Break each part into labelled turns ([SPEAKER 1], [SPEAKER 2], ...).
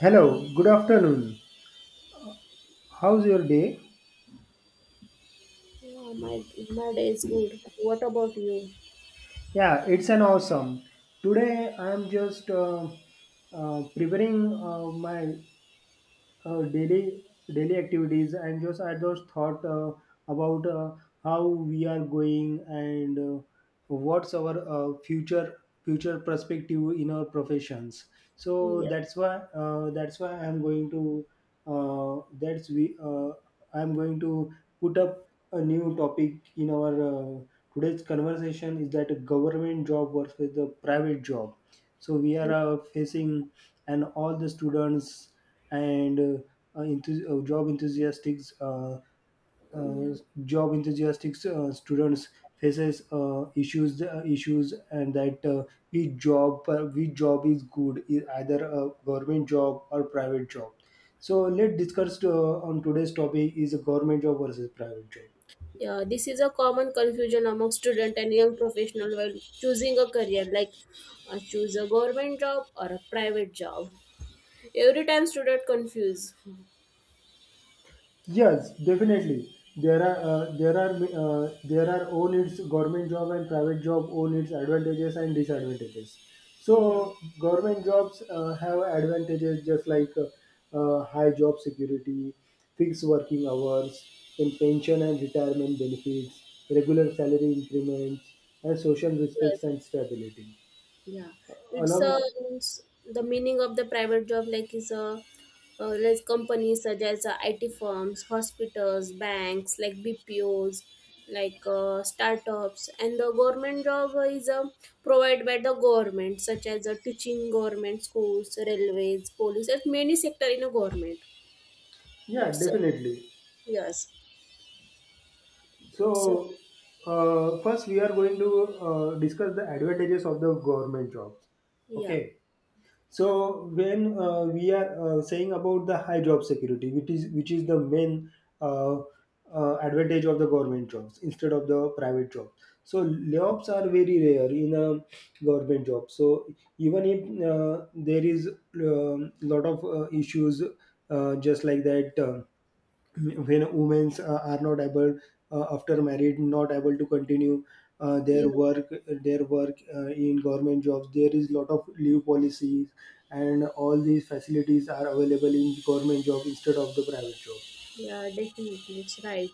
[SPEAKER 1] Hello, good afternoon. How's your day?
[SPEAKER 2] Yeah, my day is good. What about you?
[SPEAKER 1] Yeah, it's an awesome. Today I'm just preparing my uh, daily daily activities and just I just thought about how we are going, and what's our future perspective in our professions. So
[SPEAKER 2] Yeah,
[SPEAKER 1] that's why I'm going to that's we I'm going to put up a new topic in our today's conversation is that a government job versus the private job. So we are
[SPEAKER 2] yeah,
[SPEAKER 1] facing, and all the students and job enthusiastics uh,
[SPEAKER 2] yeah.
[SPEAKER 1] job enthusiastic students faces issues, and that which job is good, is either a government job or private job. So let's discuss on today's topic is a government job versus private job.
[SPEAKER 2] Yeah, this is a common confusion among student and young professional while choosing a career, like choose a government job or a private job. Every time student confuse.
[SPEAKER 1] Yes, definitely. There are there are own its government job and private job own its advantages and disadvantages.
[SPEAKER 2] Yeah.
[SPEAKER 1] So government jobs have advantages just like high job security, fixed working hours, then pension and retirement benefits, regular salary increments, and social respects
[SPEAKER 2] Yes.
[SPEAKER 1] and stability.
[SPEAKER 2] Yeah, it's
[SPEAKER 1] Along,
[SPEAKER 2] a means the meaning of the private job like is a like companies such as IT firms, hospitals, banks like BPOs, like startups, and the government job is provided by the government such as teaching, government schools, railways, police. There's many sector in a government.
[SPEAKER 1] yeah,
[SPEAKER 2] It's a,
[SPEAKER 1] definitely.
[SPEAKER 2] yes, it's a,
[SPEAKER 1] So, first we are going to discuss the advantages of the government jobs.
[SPEAKER 2] yeah,
[SPEAKER 1] Okay. So when we are saying about the high job security, which is the main uh, advantage of the government jobs instead of the private jobs. So layoffs are very rare in a government job. So even if there is a lot of issues, just like that. When women are not able after married, not able to continue their
[SPEAKER 2] yes,
[SPEAKER 1] work, their work in government jobs there is lot of leave policies, and all these facilities are available in government job instead of the private job.
[SPEAKER 2] yeah, definitely, it's right.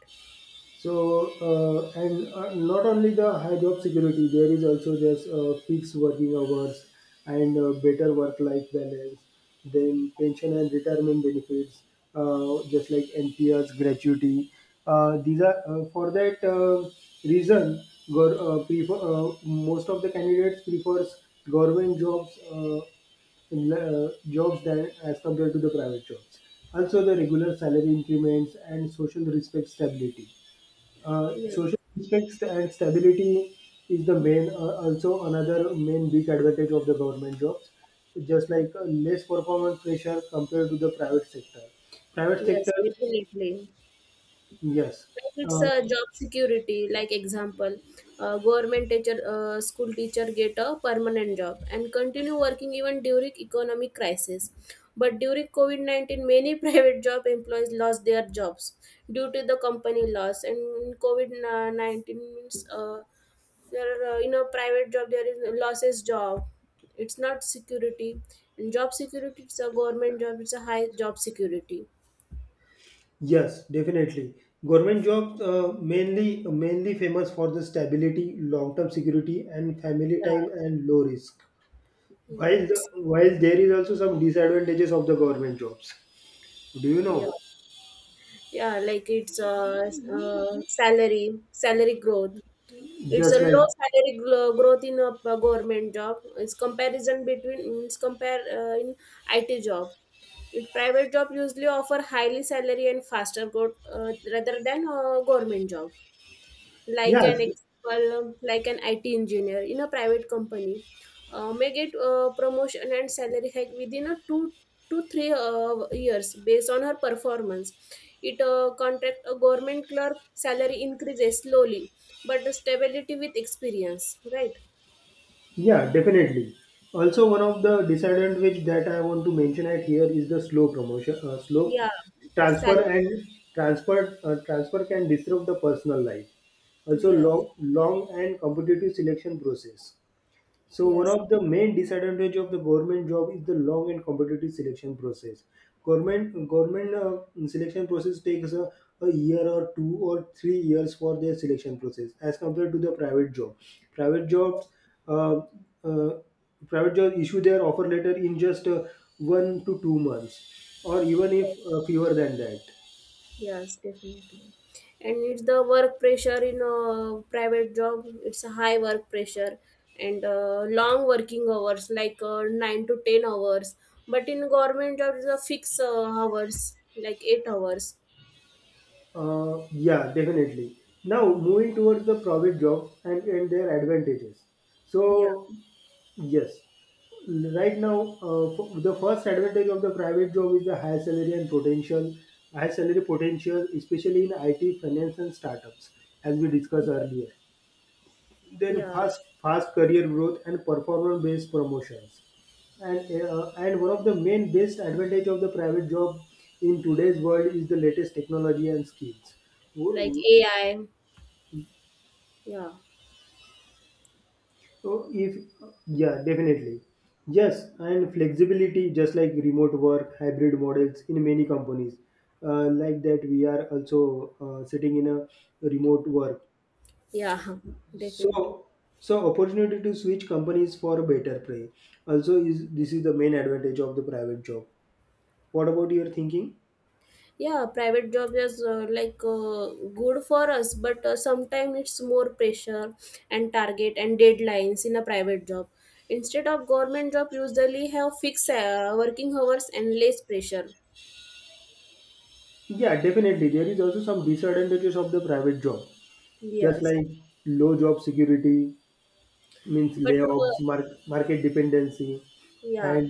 [SPEAKER 1] So, and not only the high job security, there is also just fixed working hours and better work-life balance. Then pension and retirement benefits, just like NPS, gratuity. These are for that reason. Gor- prefer, Most of the candidates prefers government jobs jobs than as compared to the private jobs. Also, the regular salary increments and social respect stability.
[SPEAKER 2] Yes,
[SPEAKER 1] Social aspects and stability is the main, also another main big advantage of the government jobs. Just like less performance pressure compared to the private sector. Private sector,
[SPEAKER 2] yes, definitely.
[SPEAKER 1] yes,
[SPEAKER 2] Like it's
[SPEAKER 1] uh,
[SPEAKER 2] a job security, like example, government teacher, school teacher get a permanent job and continue working even during economic crisis, but during COVID-19 many private job employees lost their jobs due to the company loss. And COVID-19 means there are, in a private job there is losses job. It's not security. And job security, it's a government job, it's a high job security.
[SPEAKER 1] yes, definitely. Government jobs mainly famous for the stability, long-term security, and family time
[SPEAKER 2] Yeah,
[SPEAKER 1] and low risk.
[SPEAKER 2] yeah.
[SPEAKER 1] While the,
[SPEAKER 2] It's
[SPEAKER 1] while there is also some disadvantages of the government jobs. Do you
[SPEAKER 2] yeah.
[SPEAKER 1] know?
[SPEAKER 2] Yeah, like it's a, salary, salary growth. It's a
[SPEAKER 1] Just like
[SPEAKER 2] low growth in a government job. It's comparison between it's compare in IT job. It private job usually offer highly salary and faster growth rather than a government job, like
[SPEAKER 1] yes.
[SPEAKER 2] an example, like an IT engineer in a private company, may get promotion and salary hike within a two to three years based on her performance. It contract a government clerk salary increases slowly, but the stability with experience, right?
[SPEAKER 1] Yeah, definitely. Also, one of the disadvantage that I want to mention at here is the slow promotion, slow
[SPEAKER 2] Yeah,
[SPEAKER 1] transfer,
[SPEAKER 2] salary.
[SPEAKER 1] and transfer can disrupt the personal life. Also,
[SPEAKER 2] Yes,
[SPEAKER 1] long long and competitive selection process. So one
[SPEAKER 2] yes.
[SPEAKER 1] of the main disadvantage of the government job is the long and competitive selection process. Government selection process takes a year or 2 or 3 years for their selection process as compared to the private job. Private jobs, uh, uh, private jobs issue their offer letter in just 1 to 2 months, or even if fewer than that.
[SPEAKER 2] Yes, definitely. And it's the work pressure in a private job. It's a high work pressure and long working hours, like 9 to 10 hours. But in government jobs, it's a fixed hours, like 8 hours.
[SPEAKER 1] Yeah, definitely. Now moving towards the private job and their advantages.
[SPEAKER 2] Yeah,
[SPEAKER 1] So yes. Right now, the first advantage of the private job is the high salary and potential, high salary potential, especially in IT, finance, and startups, as we discussed
[SPEAKER 2] yeah,
[SPEAKER 1] earlier. Then
[SPEAKER 2] yeah.
[SPEAKER 1] fast career growth and performance-based promotions. And one of the main best advantage of the private job in today's world is the latest technology and skills. W-
[SPEAKER 2] Like
[SPEAKER 1] w-
[SPEAKER 2] AI. Yeah,
[SPEAKER 1] So if yeah, definitely. Yes, and flexibility, just like remote work, hybrid models in many companies, like that we are also sitting in a remote work.
[SPEAKER 2] yeah, definitely.
[SPEAKER 1] So, so opportunity to switch companies for a better pay. Also, is this is the main advantage of the private job. What about your thinking?
[SPEAKER 2] Yeah, private job is like good for us, but sometimes it's more pressure and target and deadlines in a private job. Instead of government job, usually have fixed working hours and less pressure.
[SPEAKER 1] Yeah, definitely. There is also some disadvantages of the private job, just
[SPEAKER 2] Yes,
[SPEAKER 1] like low job security, means
[SPEAKER 2] but.
[SPEAKER 1] layoffs,
[SPEAKER 2] Uh,
[SPEAKER 1] market dependency,
[SPEAKER 2] Yeah,
[SPEAKER 1] and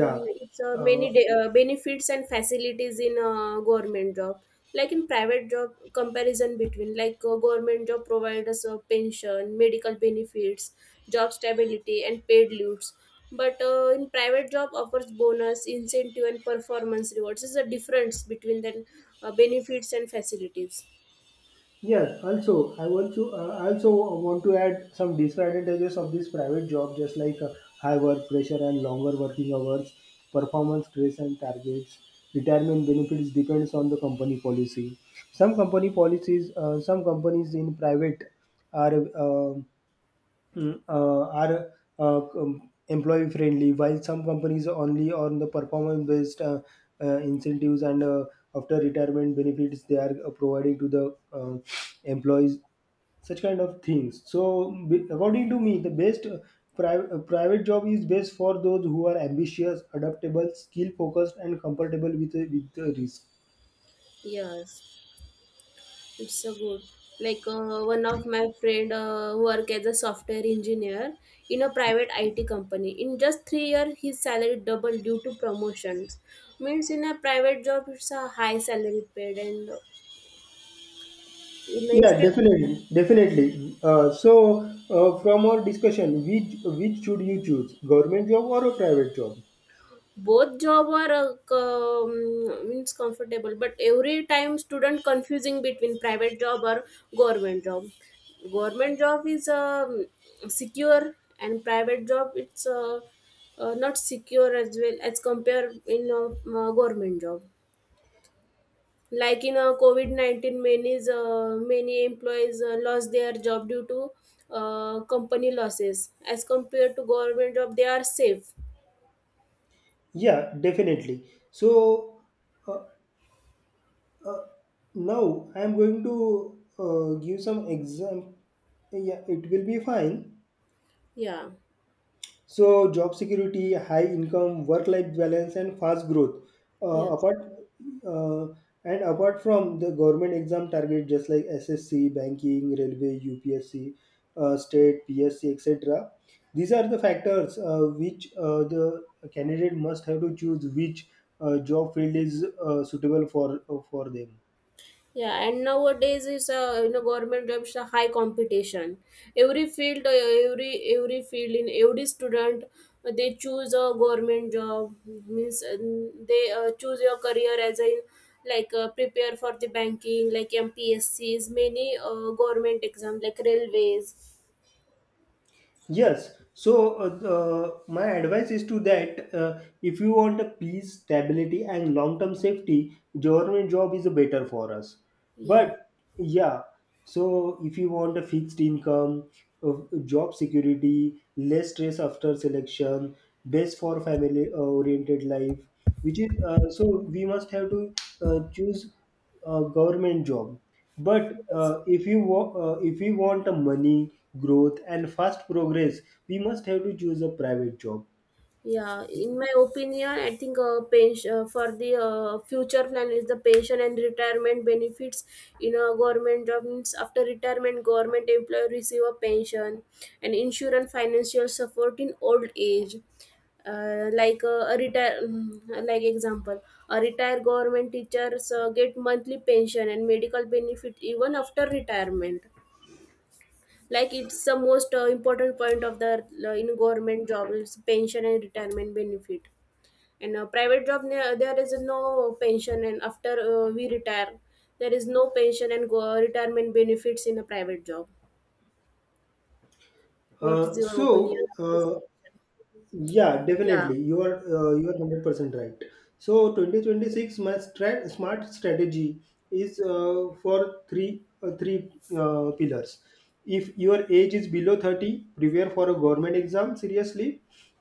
[SPEAKER 1] yeah,
[SPEAKER 2] it's
[SPEAKER 1] uh,
[SPEAKER 2] many benefits and facilities in government job. Like in private job, comparison between like government job provides pension, medical benefits, job stability, and paid leaves. But in private job offers bonus, incentive, and performance rewards. Is a difference between the benefits and facilities.
[SPEAKER 1] yes. Also, I want to I also want to add some disadvantages of this private job, just like high work pressure and longer working hours, performance stress and targets. Retirement benefits depends on the company policy. Some company policies, some companies in private are. Are employee friendly, while some companies only on the performance based incentives and after retirement benefits they are providing to the employees, such kind of things. So according to me, the best private job is best for those who are ambitious, adaptable, skill focused and comfortable with the risk.
[SPEAKER 2] Yes. It's so good. Like one of my friend work as a software engineer in a private IT company. In just 3 years, his salary doubled due to promotions. Means in a private job, it's a high salary paid, and in a
[SPEAKER 1] Yeah, definitely. From our discussion, which should you choose, government job or a private job?
[SPEAKER 2] both job are means comfortable, but every time student confusing between private job or government job. Government job is secure and private job it's not secure as well as compare in a government job, like in a COVID-19 many is, many employees lost their job due to company losses as compared to government job they are safe.
[SPEAKER 1] Yeah, definitely. So, uh, now I am going to give some exam. Yeah, it will be fine.
[SPEAKER 2] Yeah,
[SPEAKER 1] So job security, high income, work-life balance, and fast growth.
[SPEAKER 2] yes.
[SPEAKER 1] Apart uh, and apart from the government exam target, just like SSC, banking, railway, UPSC, state, PSC, etc. These are the factors which the candidate must have to choose which job field is suitable for them.
[SPEAKER 2] Yeah, and nowadays is a government jobs a high competition. Every field, every field in every student, they choose a government job means they choose your career as in like prepare for the banking like MPSCs, many government exam like railways.
[SPEAKER 1] Yes. So my advice is to that if you want a peace, stability, and long-term safety, government job is better for us.
[SPEAKER 2] Yeah.
[SPEAKER 1] But yeah, so if you want a fixed income, uh, job security, less stress after selection, best for family-oriented life, which is so we must have to choose a government job. But
[SPEAKER 2] Yes.
[SPEAKER 1] if you if we want a money, growth, and fast progress, we must have to choose a private job.
[SPEAKER 2] Yeah, in my opinion, I think pension for the future plan is the pension and retirement benefits in a government job means after retirement, government employee receive a pension and insurance financial support in old age. Like a retire, like example, a retired government teachers get monthly pension and medical benefit even after retirement, like it's the most important point of the in government job is pension and retirement benefit. And private job, there is no pension, and after we retire there is no pension and retirement benefits in a private job. What is
[SPEAKER 1] Uh,
[SPEAKER 2] your opinion
[SPEAKER 1] so
[SPEAKER 2] on this?
[SPEAKER 1] uh, Yeah,
[SPEAKER 2] Yeah.
[SPEAKER 1] definitely. You are 100% right. So 2026 my smart strategy is for three pillars. If your age is below 30, prepare for a government exam seriously.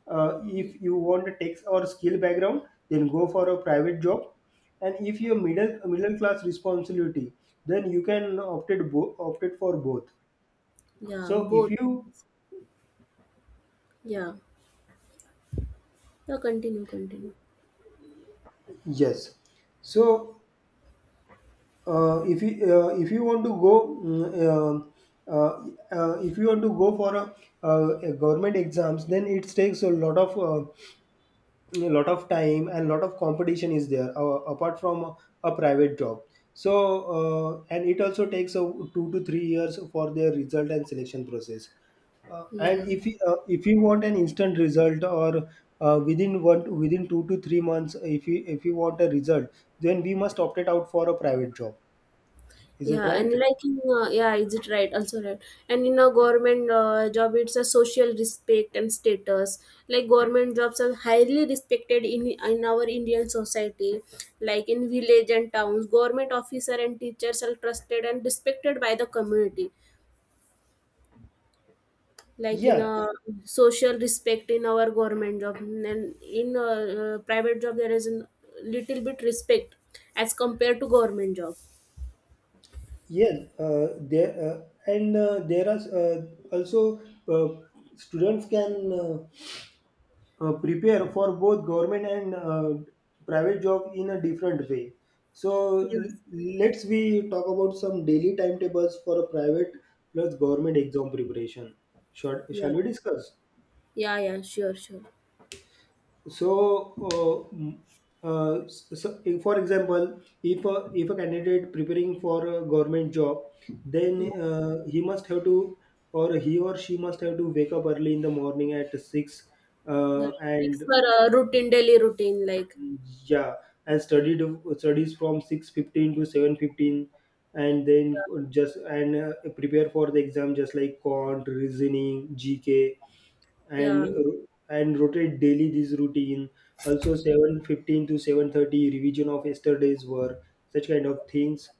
[SPEAKER 1] If you want a tech or skill background, then go for a private job. And if you're middle class responsibility, then you can opted for both.
[SPEAKER 2] Yeah,
[SPEAKER 1] So if
[SPEAKER 2] both.
[SPEAKER 1] you
[SPEAKER 2] Yeah, yeah, continue, continue.
[SPEAKER 1] yes, so if you want to go if you want to go for a government exams, then it takes a lot of time and lot of competition is there apart from a private job. So, and it also takes a 2 to 3 years for their result and selection process. And
[SPEAKER 2] Yeah.
[SPEAKER 1] if you, If you want an instant result or within 2 to 3 months, if you want a result, then we must opt it out for a private job. Is it
[SPEAKER 2] Yeah, and
[SPEAKER 1] right?
[SPEAKER 2] like in yeah, is it right? Also right. And in a government job, it's a social respect and status. Like government jobs are highly respected in our Indian society. Like in village and towns, government officer and teachers are trusted and respected by the community. Like in
[SPEAKER 1] Yeah,
[SPEAKER 2] a social respect in our government job, and in a private job there is a little bit respect as compared to government job.
[SPEAKER 1] yeah. There are also uh, students can prepare for both government and private job in a different way. So
[SPEAKER 2] Yes.
[SPEAKER 1] let's we talk about some daily timetables for a private plus government exam preparation. Shall,
[SPEAKER 2] Yeah.
[SPEAKER 1] shall we discuss?
[SPEAKER 2] Yeah. Yeah. Sure. Sure.
[SPEAKER 1] So, so if, for example, if a candidate preparing for a government job, then he or she must have to wake up early in the morning at six,
[SPEAKER 2] Yeah, fix
[SPEAKER 1] and
[SPEAKER 2] her routine, daily routine, like
[SPEAKER 1] yeah, and studied studies from 6:15 to 7:15, and then
[SPEAKER 2] yeah,
[SPEAKER 1] just and prepare for the exam just like quant, reasoning, GK, and
[SPEAKER 2] yeah,
[SPEAKER 1] rotate daily this routine, also 7:15 to 7:30 revision of yesterday's work, such kind of things.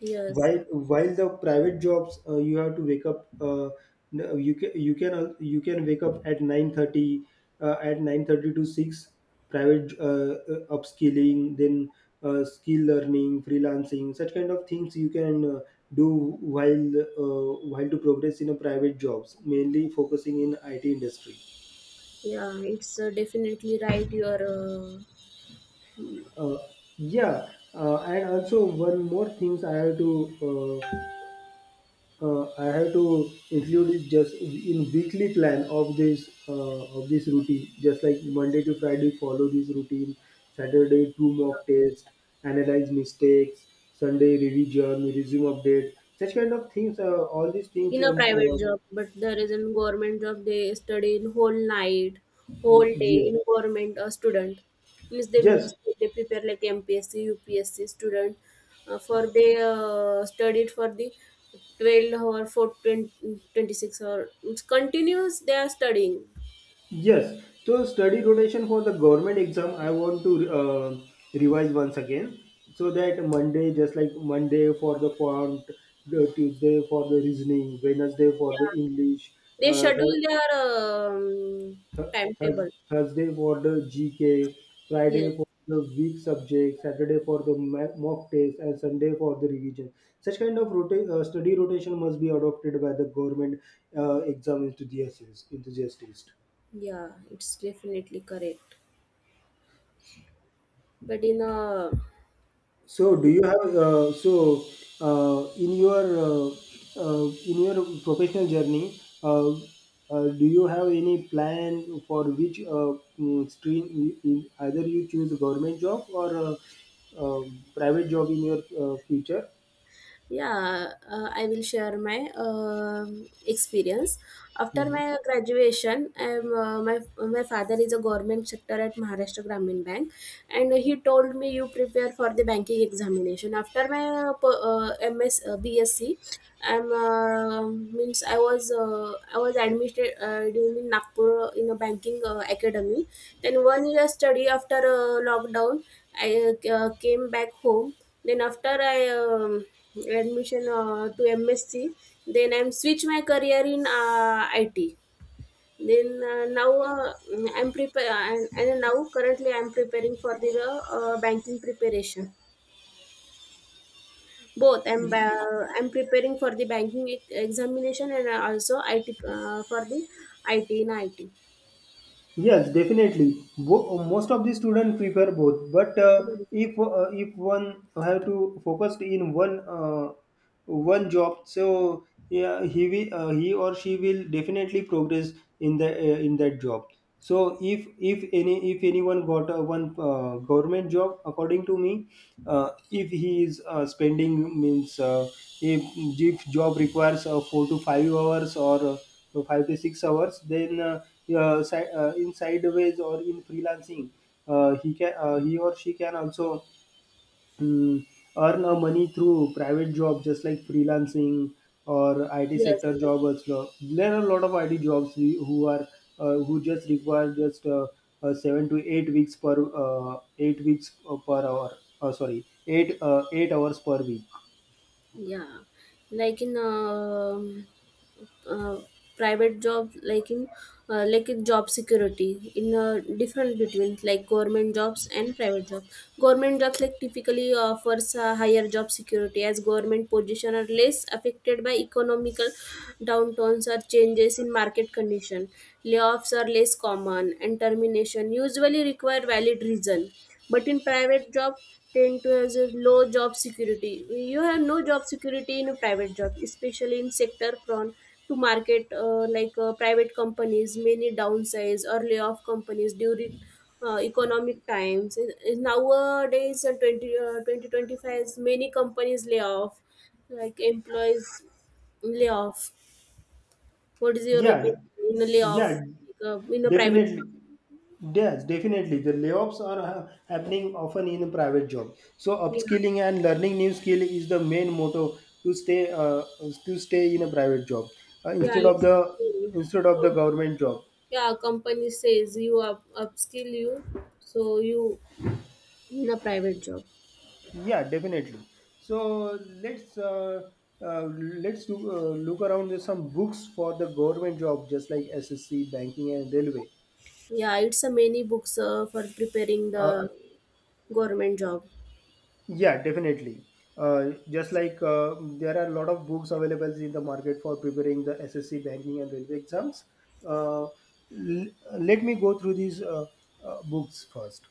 [SPEAKER 2] yes,
[SPEAKER 1] while while the private jobs, you have to wake up you can you can wake up at 9:30, at 9:30 to 6 private upskilling, then skill learning, freelancing, such kind of things you can do. While to progress in a private jobs, mainly focusing in IT industry.
[SPEAKER 2] yeah. It's definitely right. Your
[SPEAKER 1] Uh, yeah, and also one more things I have to include is just in weekly plan of this routine. Just like Monday to Friday, follow this routine. Saturday, two mock tests, analyze mistakes. Sunday, revision, resume update. Such kind of things. All these things.
[SPEAKER 2] in a private job, but there is in government job they study in whole night, whole day
[SPEAKER 1] Yeah,
[SPEAKER 2] in government student. Means they
[SPEAKER 1] yes.
[SPEAKER 2] means they prepare like MPSC, UPSC student for they studied for the 12 or 4, 20, 26, or it's continuous they are studying.
[SPEAKER 1] Yes, so study rotation for the government exam, I want to revise once again, so that Monday, just like Monday for the quant, the Tuesday for the reasoning, Wednesday for the
[SPEAKER 2] Yeah.
[SPEAKER 1] English,
[SPEAKER 2] They
[SPEAKER 1] uh, Thur-
[SPEAKER 2] schedule their
[SPEAKER 1] Thur-
[SPEAKER 2] timetable.
[SPEAKER 1] Thursday for the GK,
[SPEAKER 2] Yeah,
[SPEAKER 1] Friday for the weak subject, Saturday for the mock test, and Sunday for the revision. Such kind of study rotation must be adopted by the government exam enthusiasts.
[SPEAKER 2] yeah, it's definitely correct. But in a,
[SPEAKER 1] So, do you have uh, in your uh, in your professional journey? Do you have any plan for which stream? Either you choose government job or uh, private job in your future?
[SPEAKER 2] yeah, I will share my experience. After my graduation, my father is a government sector at Maharashtra Gramin Bank. And he told me you prepare for the banking examination after my MS BSc. I'm means I was admitted during in Nagpur in a banking academy, then one year study after lockdown. I came back home. Then after I admission to MSc, then I'm switch my career in IT, then now I'm prepare and now currently I'm preparing for the banking preparation. Both I'm I'm preparing for the banking examination and also IT for the IT in IT.
[SPEAKER 1] Yes, definitely. Most of the students prefer both, but if one have to focus in one one job, so yeah, he will he or she will definitely progress in the in that job. So if anyone got one government job, according to me, if he is spending means if, if job requires 4 to 5 hours or 5 to 6 hours then in sideways or in freelancing, he can he or she can also um, earn a money through private job just like freelancing or IT
[SPEAKER 2] Yes,
[SPEAKER 1] sector
[SPEAKER 2] yes.
[SPEAKER 1] job. Also, there are a lot of IT jobs who are, who just require just 7 to 8 weeks per 8 weeks per hour, sorry, 8 hours per week.
[SPEAKER 2] Yeah, like in uh, private job like in job security in a different between like government jobs and private jobs. Government jobs like typically offers a higher job security as government position are less affected by economical downturns or changes in market condition. Layoffs are less common and termination usually require valid reason. But in private job tend to has a low job security. You have no job security in a private job, especially in sector prone to market like private companies, many downsize or layoff companies during economic times. In nowadays, 20, 2025, many companies lay off, like employees lay off. What is your
[SPEAKER 1] Yeah,
[SPEAKER 2] opinion in a layoff, like,
[SPEAKER 1] yeah,
[SPEAKER 2] in a private?
[SPEAKER 1] definitely. Yes, definitely. The layoffs are happening often in private job. So
[SPEAKER 2] Yeah,
[SPEAKER 1] upskilling and learning new skill is the main motto to stay in a private job uh,
[SPEAKER 2] yeah.
[SPEAKER 1] instead of
[SPEAKER 2] It's
[SPEAKER 1] the instead of the government job.
[SPEAKER 2] yeah. Company says you up, upskill you, so you in a private job.
[SPEAKER 1] Yeah, definitely. So uh, let's look around. There's some books for the government job, just like SSC, banking, and railway.
[SPEAKER 2] Yeah, it's a many books for preparing the
[SPEAKER 1] Uh,
[SPEAKER 2] government job.
[SPEAKER 1] Yeah, definitely. Just like, there are a lot of books available in the market for preparing the SSC banking and railway exams. Uh, l- Let me go through these books first.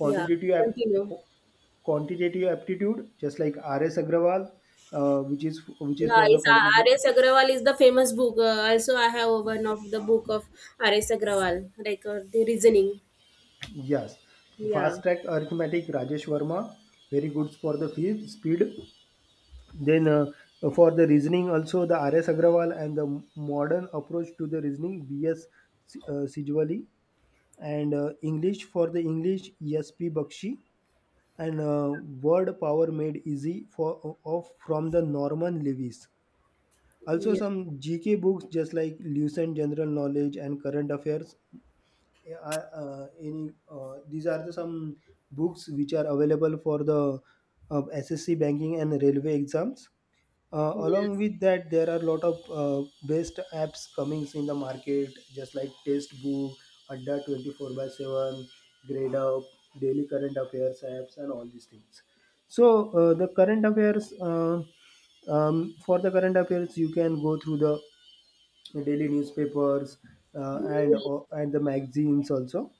[SPEAKER 2] Yeah.
[SPEAKER 1] ap-
[SPEAKER 2] Continue.
[SPEAKER 1] qu- Quantitative aptitude, just like R.S. Agrawal, which is
[SPEAKER 2] Yeah,
[SPEAKER 1] for the
[SPEAKER 2] it's
[SPEAKER 1] quantitative.
[SPEAKER 2] RS Agrawal is the famous book, also I have one of the book of RS Agrawal, like the reasoning.
[SPEAKER 1] Yes,
[SPEAKER 2] Yeah,
[SPEAKER 1] fast track arithmetic, Rajesh Verma, very good for the speed. Then, for the reasoning, also the R.S. Agrawal and the modern approach to the reasoning, B.S. Sijwali, and English, for the English, E.S.P. Bakshi, and Word Power Made Easy for of from the Norman Lewis. Also,
[SPEAKER 2] yeah,
[SPEAKER 1] some GK books just like Lucent General Knowledge and Current Affairs. Are, any These are the some books which are available for the SSC banking and railway exams. Along
[SPEAKER 2] yes,
[SPEAKER 1] with that, there are a lot of best apps coming in the market, just like Tastebook, Adda 24 by 7, Grade Up, Daily Current Affairs apps, and all these things. So, for the current affairs, you can go through the daily newspapers
[SPEAKER 2] yes.
[SPEAKER 1] and the magazines also.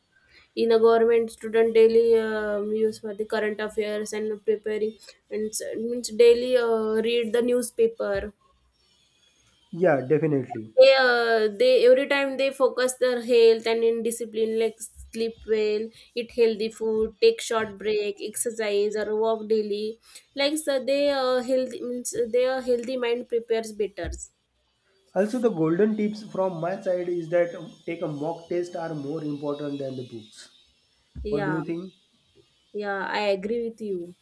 [SPEAKER 2] In a government student daily use for the current affairs and preparing and means daily read the newspaper.
[SPEAKER 1] Yeah, definitely.
[SPEAKER 2] They every time they focus their health and in discipline, like sleep well, eat healthy food, take short break, exercise or walk daily, like so they healthy means their healthy mind prepares better.
[SPEAKER 1] Also, the golden tips from my side is that take a mock test are more important than the books. What do you
[SPEAKER 2] Yeah.
[SPEAKER 1] think?
[SPEAKER 2] Yeah, I agree with you.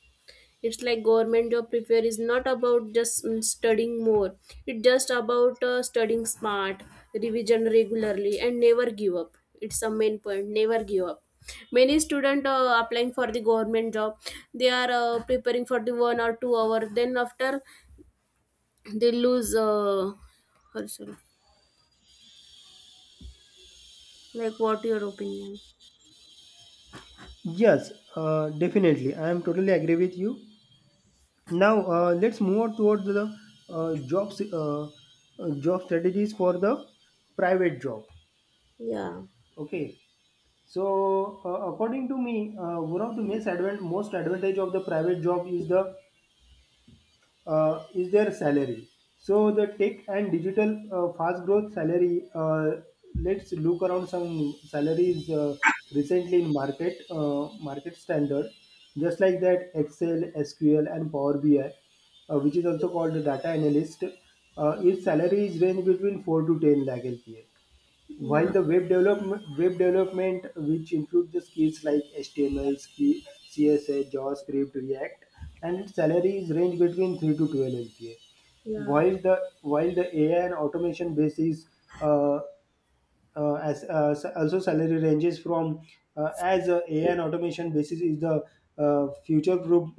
[SPEAKER 2] It's like government job prepare is not about just studying more, it's just about studying smart, revision regularly and never give up. It's the main point, never give up. Many students applying for the government job, they are preparing for the 1 or 2 hour, then after they lose herself, like what your opinion.
[SPEAKER 1] Yes, definitely. I am totally agree with you. Now let's move on towards the uh, jobs, uh, job strategies for the private job.
[SPEAKER 2] Yeah,
[SPEAKER 1] Okay. So according to me, one of the most advantage of the private job is the is their salary. So the tech and digital fast growth salary. Let's look around some salaries recently in market, market standard. Just like that, Excel, SQL, and Power BI, which is also called the data analyst, its salary is range between 4 to 10 lakh LPA. While
[SPEAKER 2] yeah,
[SPEAKER 1] the web development which include the skills like HTML, CSS, JavaScript, React, and its salary range between 3 to 12 LPA.
[SPEAKER 2] yeah,
[SPEAKER 1] While the AI and automation base is uh, as s- also salary ranges from as AI and automation basis is the uh, future proof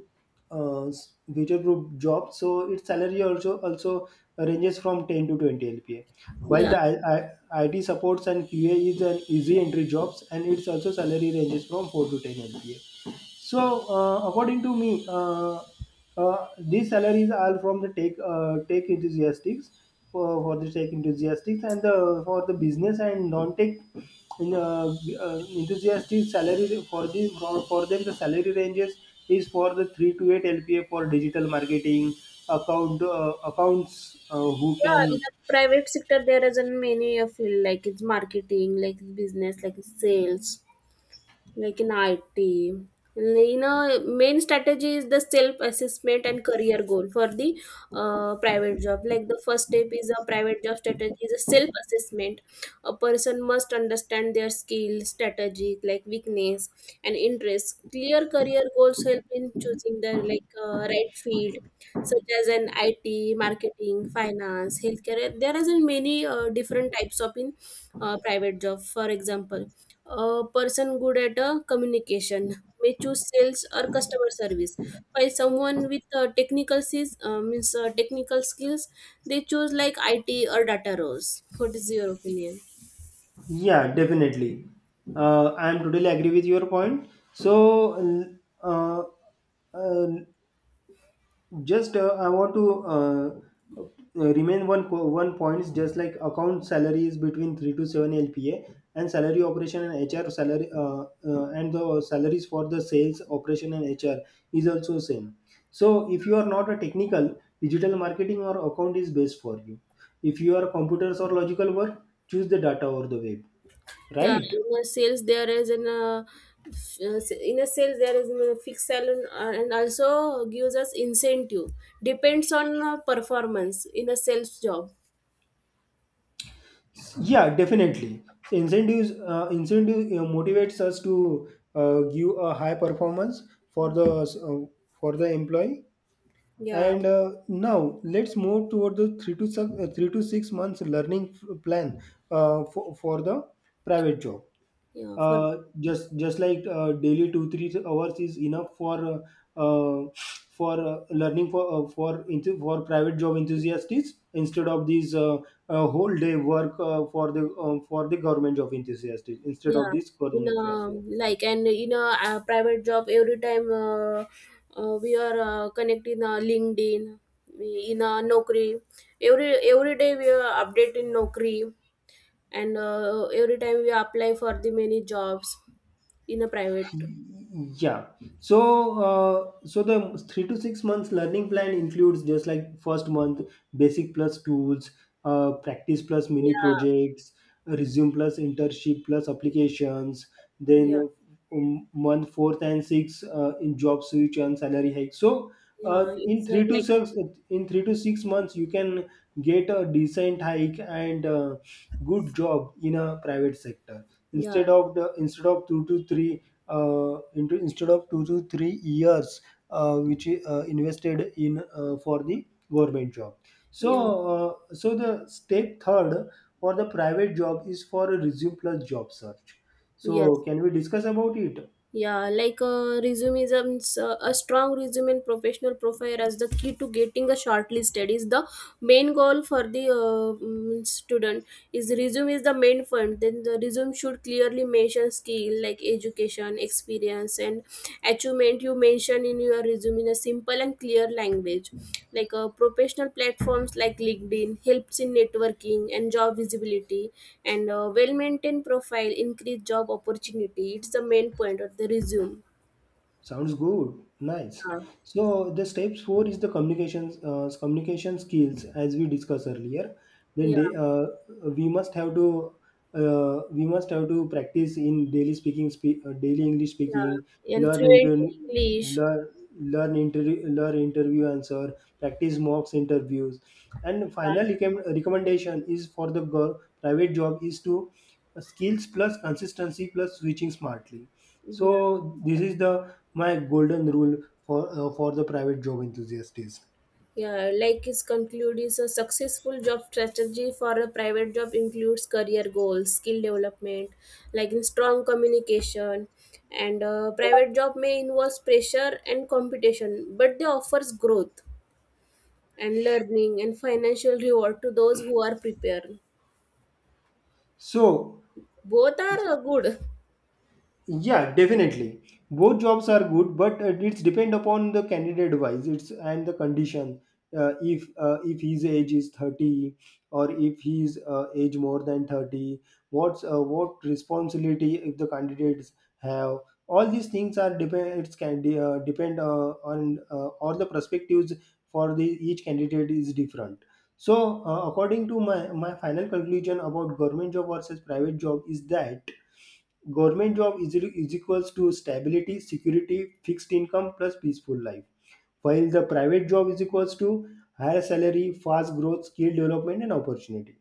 [SPEAKER 1] uh, future proof job. So its salary also ranges from 10 to 20 LPA. While
[SPEAKER 2] yeah.
[SPEAKER 1] the I, I, IT supports and QA is an easy entry jobs and its also salary ranges from 4 to 10 LPA. So according to me. These salaries are from the tech enthusiastics for the tech enthusiastics, and the for the business and non-tech enthusiastic salary for them, the salary ranges is for the 3 to 8 LPA for digital marketing, accounts, who
[SPEAKER 2] Yeah,
[SPEAKER 1] can.
[SPEAKER 2] in the private sector there isn't many a field like it's marketing, like it's business, like it's sales, like in IT. You know, main strategy is the self-assessment and career goal for the private job. Like the first step is a private job strategy is a self-assessment. A person must understand their skill strategy like weakness and interests. Clear career goals help in choosing the like right field, such as an IT, marketing, finance, healthcare. There is in many different types of in private job. For example, a person good at a communication may choose sales or customer service, while someone with technical skills, they choose like IT or data roles. What is your opinion?
[SPEAKER 1] Yeah, definitely. I am totally agree with your point. So, uh, uh, just I want to uh, remain one points, just like account salary is between 3 to 7 LPA, and salary operation and hr salary and the salaries for the sales operation and hr is also same. So, if you are not a technical, digital marketing or account is best for you. If you are computers or logical work, choose the data or the web.
[SPEAKER 2] Yeah,
[SPEAKER 1] Right.
[SPEAKER 2] in a sales there is an in a sales there is a fixed salary and also gives us incentive. Depends on performance in a sales job.
[SPEAKER 1] Yeah, definitely. So incentives, incentive motivates us to give a high performance for the uh, for the employee.
[SPEAKER 2] Yeah,
[SPEAKER 1] And now let's move toward the 3 to 6 months plan for the private job.
[SPEAKER 2] yeah. For
[SPEAKER 1] Just like daily 2 3 hours is enough for learning for private job enthusiasts, instead of these whole day work for the government job enthusiasts, instead of
[SPEAKER 2] Yeah,
[SPEAKER 1] this
[SPEAKER 2] in
[SPEAKER 1] government
[SPEAKER 2] a,
[SPEAKER 1] job.
[SPEAKER 2] like and in a, private job, every time we are connecting LinkedIn, in a Naukri, every day we are updating Naukri, and every time we apply for the many jobs in a private.
[SPEAKER 1] Yeah. So, so the 3 to 6 months learning plan includes just like first month basic plus tools, practice plus mini
[SPEAKER 2] Yeah,
[SPEAKER 1] projects, resume plus internship plus applications.
[SPEAKER 2] yeah,
[SPEAKER 1] Then month 4 and 6 in job switch and salary hike. So, uh,
[SPEAKER 2] yeah.
[SPEAKER 1] in
[SPEAKER 2] It's
[SPEAKER 1] three to
[SPEAKER 2] like
[SPEAKER 1] six in 3 to 6 months you can get a decent hike and. Good job in a private sector,
[SPEAKER 2] yeah,
[SPEAKER 1] instead of the instead of two to three into instead of 2 to 3 years, which invested in for the government job. So,
[SPEAKER 2] yeah,
[SPEAKER 1] so the step third for the private job is for a resume plus job search. So
[SPEAKER 2] yes.
[SPEAKER 1] can we discuss about it?
[SPEAKER 2] Yeah, like resume is a strong resume and professional profile as the key to getting a shortlisted is the main goal for the student is resume is the main fund. Then the resume should clearly mention skill like education, experience and achievement you mention in your resume in a simple and clear language, like professional platforms like LinkedIn helps in networking and job visibility. And well maintained profile increase job opportunity. It's the main point of the resume.
[SPEAKER 1] Sounds good. Nice.
[SPEAKER 2] Yeah,
[SPEAKER 1] So the steps four is the communication skills as we discussed earlier. Then
[SPEAKER 2] yeah,
[SPEAKER 1] they, we must have to we must have to practice in daily speaking, daily English speaking,
[SPEAKER 2] yeah. And
[SPEAKER 1] learn
[SPEAKER 2] fluent
[SPEAKER 1] inter
[SPEAKER 2] in English.
[SPEAKER 1] learn learn interview answer, practice mocks interviews, and
[SPEAKER 2] Yeah,
[SPEAKER 1] recommendation is for the private job is to skills plus consistency plus switching smartly. So
[SPEAKER 2] yeah.
[SPEAKER 1] this is the my golden rule for the private job enthusiasts.
[SPEAKER 2] Yeah, like his conclude is a successful job strategy for a private job includes career goals, skill development, like in strong communication. And private job may involve pressure and competition, but they offers growth and learning and financial reward to those who are prepared.
[SPEAKER 1] So
[SPEAKER 2] Both are good.
[SPEAKER 1] yeah, definitely both jobs are good, but it's depend upon the candidate wise, it's and the condition. If his age is 30 or if his age more than 30, what responsibility if the candidates have. All these things are depend, depend on all the perspectives for the each candidate is different. So according to my final conclusion about government job versus private job is that government job is equals to stability, security, fixed income plus peaceful life. While the private job is equals to higher salary, fast growth, skill development, and opportunity.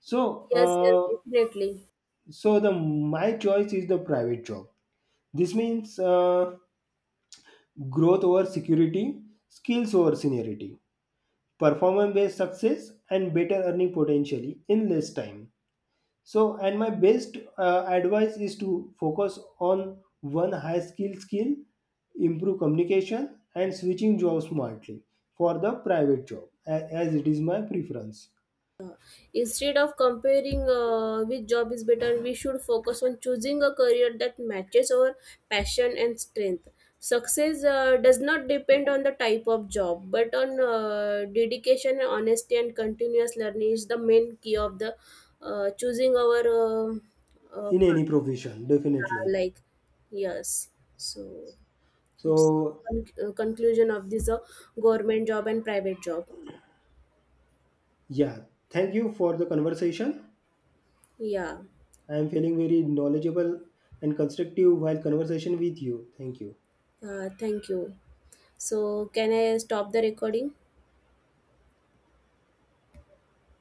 [SPEAKER 1] So,
[SPEAKER 2] Yes, yes, definitely.
[SPEAKER 1] so the my choice is the private job. This means growth over security, skills over seniority, performance-based success, and better earning potentially in less time. So, and my best advice is to focus on one high skill, improve communication, and switching jobs smartly for the private job, as it is my preference
[SPEAKER 2] Instead of comparing which job is better, we should focus on choosing a career that matches our passion and strength. Success does not depend on the type of job, but on dedication, honesty, and continuous learning is the main key of the choosing our uh,
[SPEAKER 1] in any profession.
[SPEAKER 2] path,
[SPEAKER 1] Definitely.
[SPEAKER 2] like yes. So it's
[SPEAKER 1] So
[SPEAKER 2] conclusion of this government job and private job.
[SPEAKER 1] yeah, thank you for the conversation.
[SPEAKER 2] Yeah.
[SPEAKER 1] I am feeling very knowledgeable and constructive while conversation with you. Thank you.
[SPEAKER 2] Thank you. So, can I stop the recording?